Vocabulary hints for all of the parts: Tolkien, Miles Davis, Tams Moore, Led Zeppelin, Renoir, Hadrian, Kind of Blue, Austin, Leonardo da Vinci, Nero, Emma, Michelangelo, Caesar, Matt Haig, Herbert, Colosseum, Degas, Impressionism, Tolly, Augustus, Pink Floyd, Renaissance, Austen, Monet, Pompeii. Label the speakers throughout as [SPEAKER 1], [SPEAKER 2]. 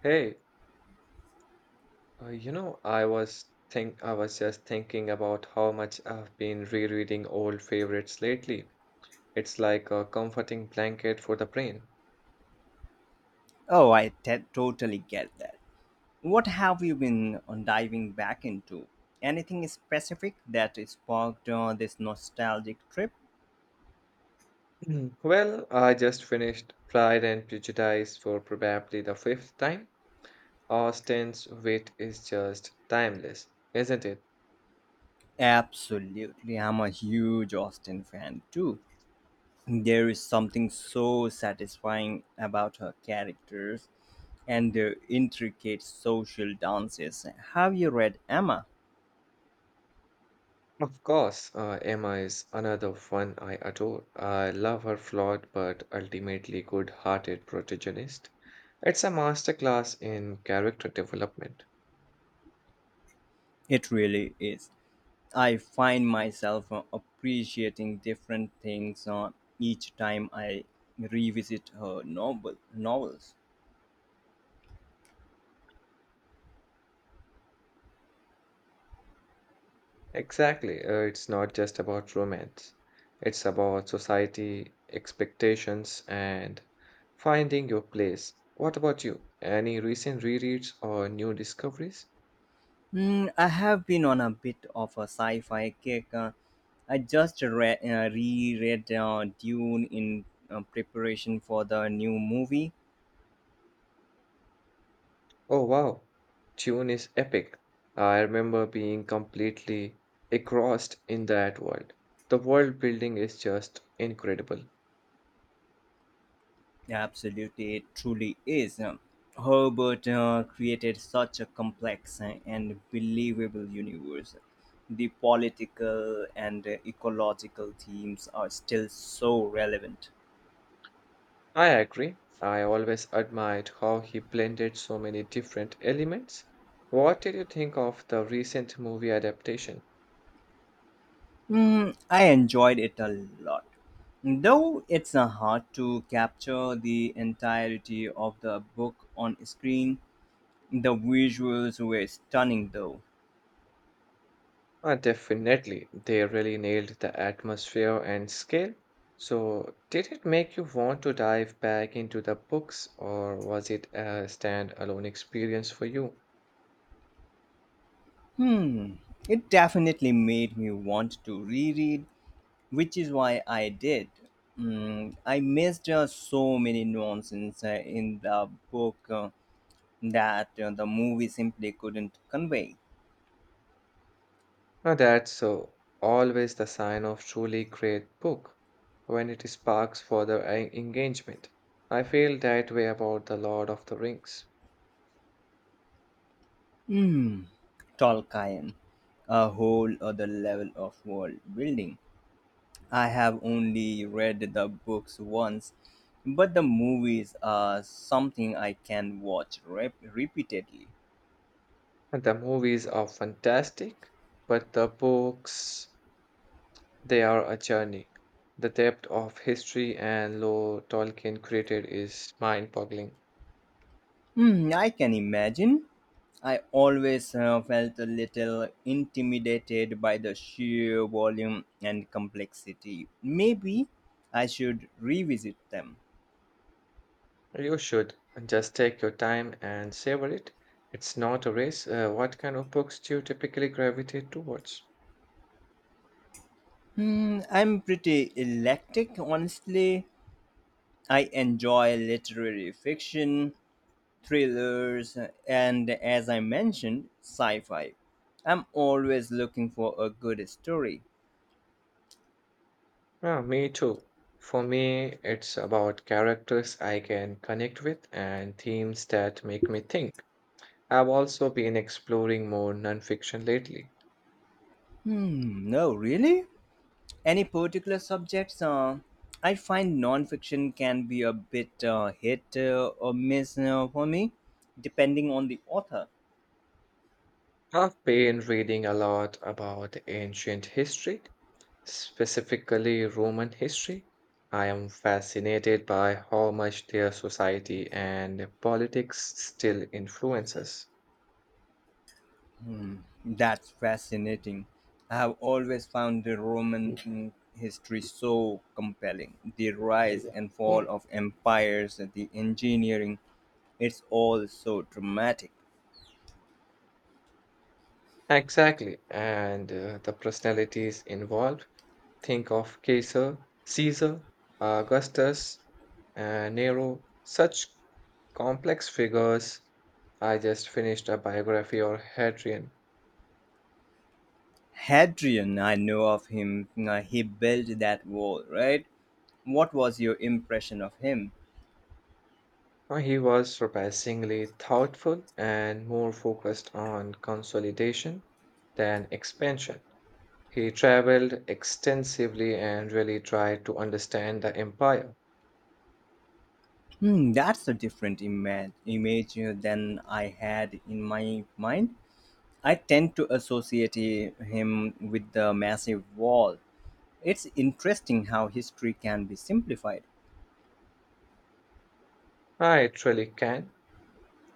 [SPEAKER 1] Hey, I was just thinking about how much I've been rereading old favorites lately. It's like a comforting blanket for the brain.
[SPEAKER 2] Oh, I totally get that. What have you been on diving back into? Anything specific that sparked this nostalgic trip?
[SPEAKER 1] Mhm. Well, I just finished Pride and Prejudice for probably the fifth time. Austen's wit is just timeless, isn't it?
[SPEAKER 2] Absolutely. I'm a huge Austin fan too. There is something so satisfying about her characters and their intricate social dances. Have you read Emma?
[SPEAKER 1] Of course, Emma is another one I adore. I love her flawed but ultimately good-hearted protagonist. It's a masterclass in character development.
[SPEAKER 2] It really is. I find myself appreciating different things each time I revisit her novels.
[SPEAKER 1] Exactly. It's not just about romance, it's about society, expectations, and finding your place. What about you? Any recent rereads or new discoveries?
[SPEAKER 2] I have been on a bit of a sci-fi kick. I just reread Dune in preparation for the new movie.
[SPEAKER 1] Oh, wow. Tune is epic. I remember being completely engrossed in that world. The world building is just incredible.
[SPEAKER 2] Absolutely, it truly is. Herbert created such a complex and believable universe. The political and ecological themes are still so relevant.
[SPEAKER 1] I agree. I always admired how he blended so many different elements. What did you think of the recent movie adaptation?
[SPEAKER 2] Mm, I enjoyed it a lot. Though it's hard to capture the entirety of the book on screen, the visuals were stunning though.
[SPEAKER 1] Definitely, they really nailed the atmosphere and scale. So, did it make you want to dive back into the books, or was it a standalone experience for you?
[SPEAKER 2] Hmm, it definitely made me want to reread, which is why I did. I missed so many nuances in the book that the movie simply couldn't convey.
[SPEAKER 1] That's always the sign of truly great book when it sparks further engagement. I feel that way about The Lord of the Rings.
[SPEAKER 2] Mm, Tolkien, a whole other level of world building. I have only read the books once, but the movies are something I can watch repeatedly.
[SPEAKER 1] The movies are fantastic, but the books, they are a journey. The depth of history and lore Tolkien created is mind-boggling.
[SPEAKER 2] I can imagine. I always felt a little intimidated by the sheer volume and complexity. Maybe I should revisit them.
[SPEAKER 1] You should just take your time and savor it. It's not a race. What kind of books do you typically gravitate towards?
[SPEAKER 2] I'm pretty eclectic, honestly. I enjoy literary fiction, thrillers, and as I mentioned, sci fi. I'm always looking for a good story.
[SPEAKER 1] Ah, me too. For me, it's about characters I can connect with and themes that make me think. I've also been exploring more nonfiction lately.
[SPEAKER 2] Hmm, no, really? Any particular subjects? I find nonfiction can be a bit hit or miss for me, depending on the author.
[SPEAKER 1] I've been reading a lot about ancient history, specifically Roman history. I am fascinated by how much their society and politics still influence us.
[SPEAKER 2] That's fascinating. I have always found the Roman history so compelling. The rise and fall of empires, the engineering, it's all so dramatic.
[SPEAKER 1] Exactly, and the personalities involved. Think of Caesar, Augustus, and Nero, such complex figures. I just finished a biography on Hadrian.
[SPEAKER 2] Hadrian, I know of him. He built that wall, right? What was your impression of him?
[SPEAKER 1] He was surprisingly thoughtful and more focused on consolidation than expansion. He traveled extensively and really tried to understand the empire.
[SPEAKER 2] That's a different image than I had in my mind. I tend to associate him with the massive wall. It's interesting how history can be simplified.
[SPEAKER 1] I truly can.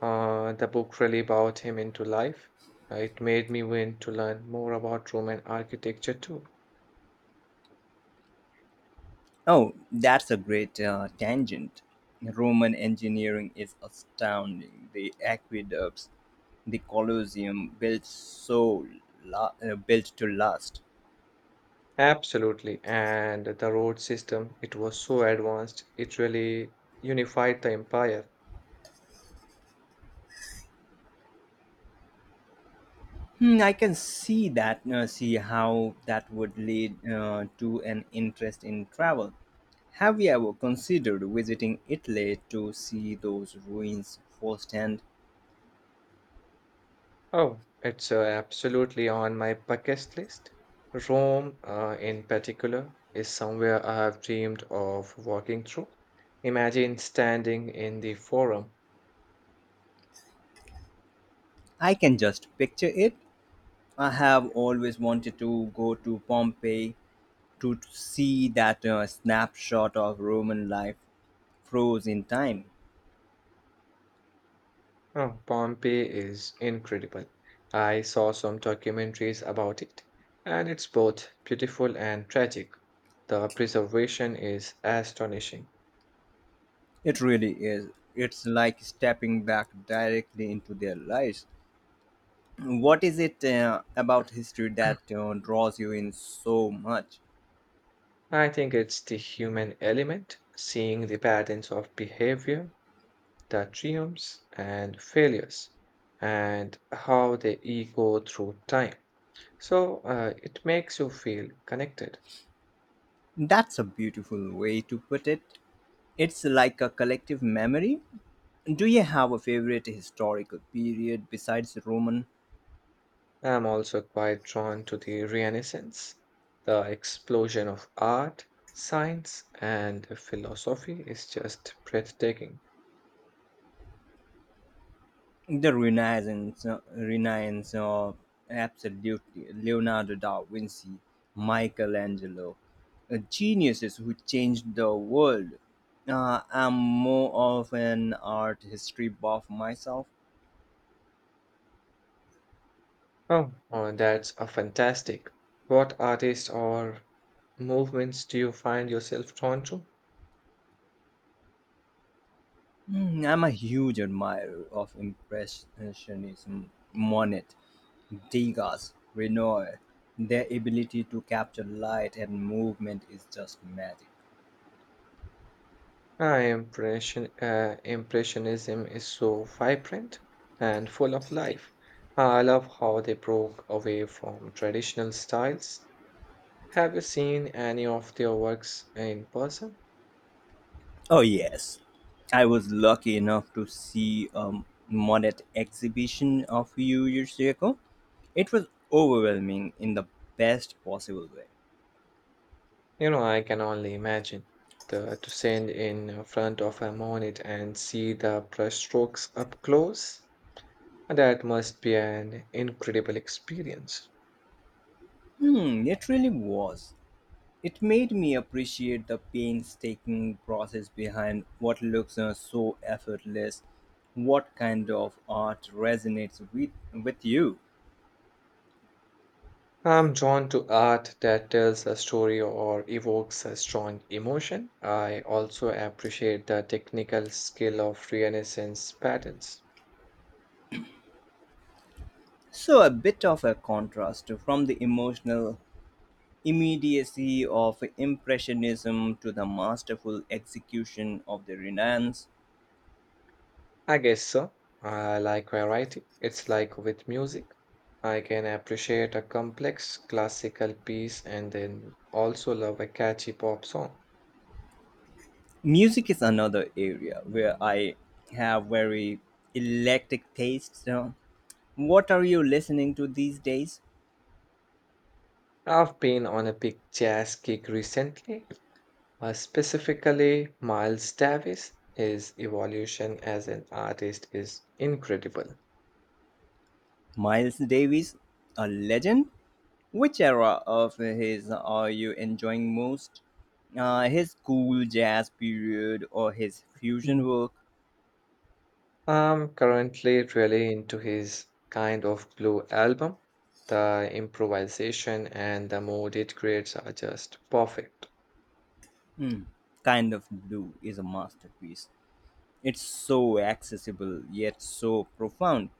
[SPEAKER 1] The book really brought him into life. It made me want to learn more about Roman architecture too.
[SPEAKER 2] Oh, that's a great tangent. Roman engineering is astounding. The aqueducts, the Colosseum built so built to last.
[SPEAKER 1] Absolutely. And the road system, it was so advanced, it really unified the empire.
[SPEAKER 2] I can see that, see how that would lead to an interest in travel. Have you ever considered visiting Italy to see those ruins firsthand?
[SPEAKER 1] Oh, it's absolutely on my bucket list. Rome, in particular, is somewhere I have dreamed of walking through. Imagine standing in the Forum.
[SPEAKER 2] I can just picture it. I have always wanted to go to Pompeii to see that snapshot of Roman life froze in time.
[SPEAKER 1] Oh, Pompeii is incredible. I saw some documentaries about it, and it's both beautiful and tragic. The preservation is astonishing.
[SPEAKER 2] It really is. It's like stepping back directly into their lives. What is it about history that draws you in so much?
[SPEAKER 1] I think it's the human element, seeing the patterns of behavior, their triumphs and failures, and how they ego through time. So it makes you feel connected.
[SPEAKER 2] That's a beautiful way to put it. It's like a collective memory. Do you have a favorite historical period besides the Roman?
[SPEAKER 1] I'm also quite drawn to the Renaissance. The explosion of art, science, and philosophy is just breathtaking.
[SPEAKER 2] The Renaissance, absolutely. Leonardo da Vinci, Michelangelo, geniuses who changed the world. I'm more of an art history buff myself.
[SPEAKER 1] Oh, that's a fantastic. What artists or movements do you find yourself drawn to?
[SPEAKER 2] Mm, I'm a huge admirer of Impressionism, Monet, Degas, Renoir. Their ability to capture light and movement is just magic.
[SPEAKER 1] Ah, impressionism is so vibrant and full of life. I love how they broke away from traditional styles. Have you seen any of their works in person?
[SPEAKER 2] Oh, yes. I was lucky enough to see a Monet exhibition a few years ago. It was overwhelming in the best possible way.
[SPEAKER 1] You know, I can only imagine the to stand in front of a monet and see the brushstrokes up close. That must be an incredible experience.
[SPEAKER 2] It really was. It made me appreciate the painstaking process behind what looks so effortless. What kind of art resonates with you?
[SPEAKER 1] I'm drawn to art that tells a story or evokes a strong emotion. I also appreciate the technical skill of Renaissance patterns.
[SPEAKER 2] So, a bit of a contrast from the emotional immediacy of Impressionism to the masterful execution of the Renans.
[SPEAKER 1] I guess so. I like variety. It's like with music. I can appreciate a complex classical piece and then also love a catchy pop song.
[SPEAKER 2] Music is another area where I have very eclectic tastes. You What are you listening to these days?
[SPEAKER 1] I've been on a big jazz kick recently, specifically Miles Davis. His evolution as an artist is incredible.
[SPEAKER 2] Miles Davis, a legend. Which era of his are you enjoying most? His cool jazz period or his fusion work?
[SPEAKER 1] I'm currently really into his kind of blue album. The improvisation and the mood it creates are just perfect.
[SPEAKER 2] Hmm, Kind of Blue is a masterpiece. It's so accessible yet so profound.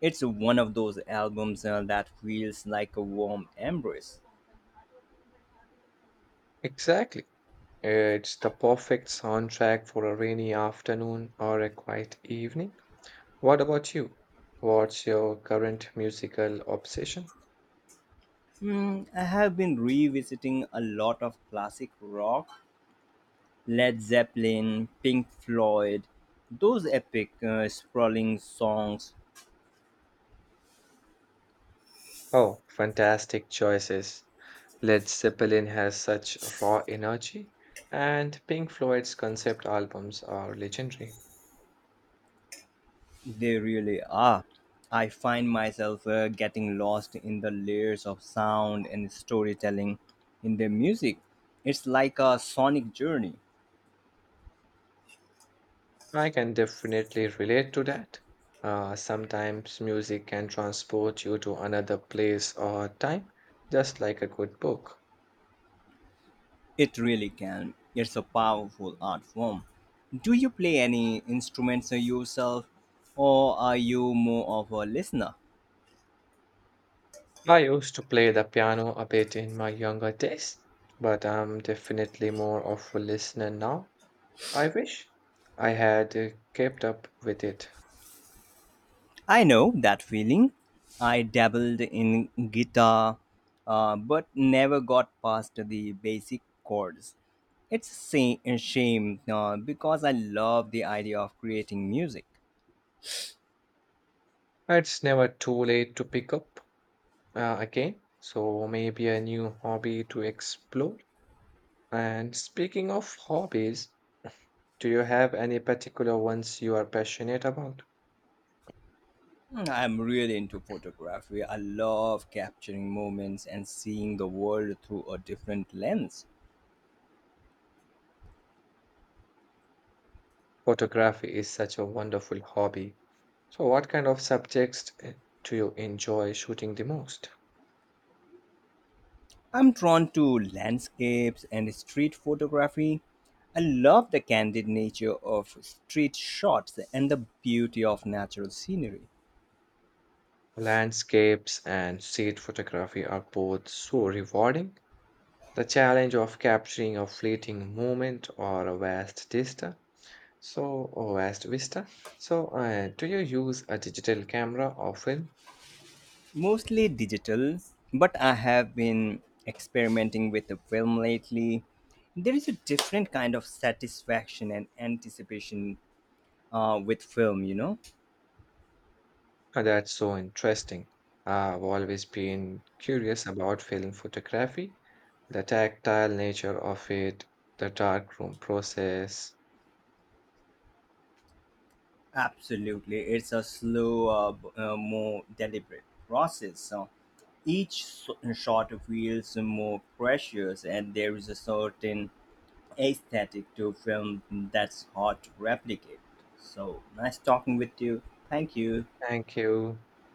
[SPEAKER 2] It's one of those albums that feels like a warm embrace.
[SPEAKER 1] Exactly. It's the perfect soundtrack for a rainy afternoon or a quiet evening. What about you? What's your current musical obsession?
[SPEAKER 2] I have been revisiting a lot of classic rock: Led Zeppelin, Pink Floyd, those epic, sprawling songs,
[SPEAKER 1] Oh, fantastic choices. Led Zeppelin has such raw energy, and Pink Floyd's concept albums are legendary.
[SPEAKER 2] they really are. I find myself getting lost in the layers of sound and storytelling in their music. It's like a sonic journey.
[SPEAKER 1] I can definitely relate to that. Sometimes music can transport you to another place or time, just like a good book.
[SPEAKER 2] It really can. It's a powerful art form. Do you play any instruments yourself, or are you more of a listener?
[SPEAKER 1] I used to play the piano a bit in my younger days, but I'm definitely more of a listener now. I wish I had kept up with it.
[SPEAKER 2] I know that feeling. I dabbled in guitar, but never got past the basic chords. It's a shame because I love the idea of creating music.
[SPEAKER 1] It's never too late to pick up again, so maybe a new hobby to explore. And speaking of hobbies, do you have any particular ones you are passionate about?
[SPEAKER 2] I'm really into photography. I love capturing moments and seeing the world through a different lens.
[SPEAKER 1] Photography is such a wonderful hobby. So, what kind of subjects do you enjoy shooting the most?
[SPEAKER 2] I'm drawn to landscapes and street photography. I love the candid nature of street shots and the beauty of natural scenery.
[SPEAKER 1] Landscapes and street photography are both so rewarding. The challenge of capturing a fleeting moment or a vast vista. So, a vast vista. So, do you use a digital camera often?
[SPEAKER 2] Mostly digital, but I have been experimenting with the film lately. There is a different kind of satisfaction and anticipation with film, you know?
[SPEAKER 1] That's so interesting. Ah, I've always been curious about film photography, the tactile nature of it, the darkroom process.
[SPEAKER 2] Absolutely, it's a slow, more deliberate process. So each shot feels more precious, and there is a certain aesthetic to film that's hard to replicate. So nice talking with you. Thank you.
[SPEAKER 1] Thank you.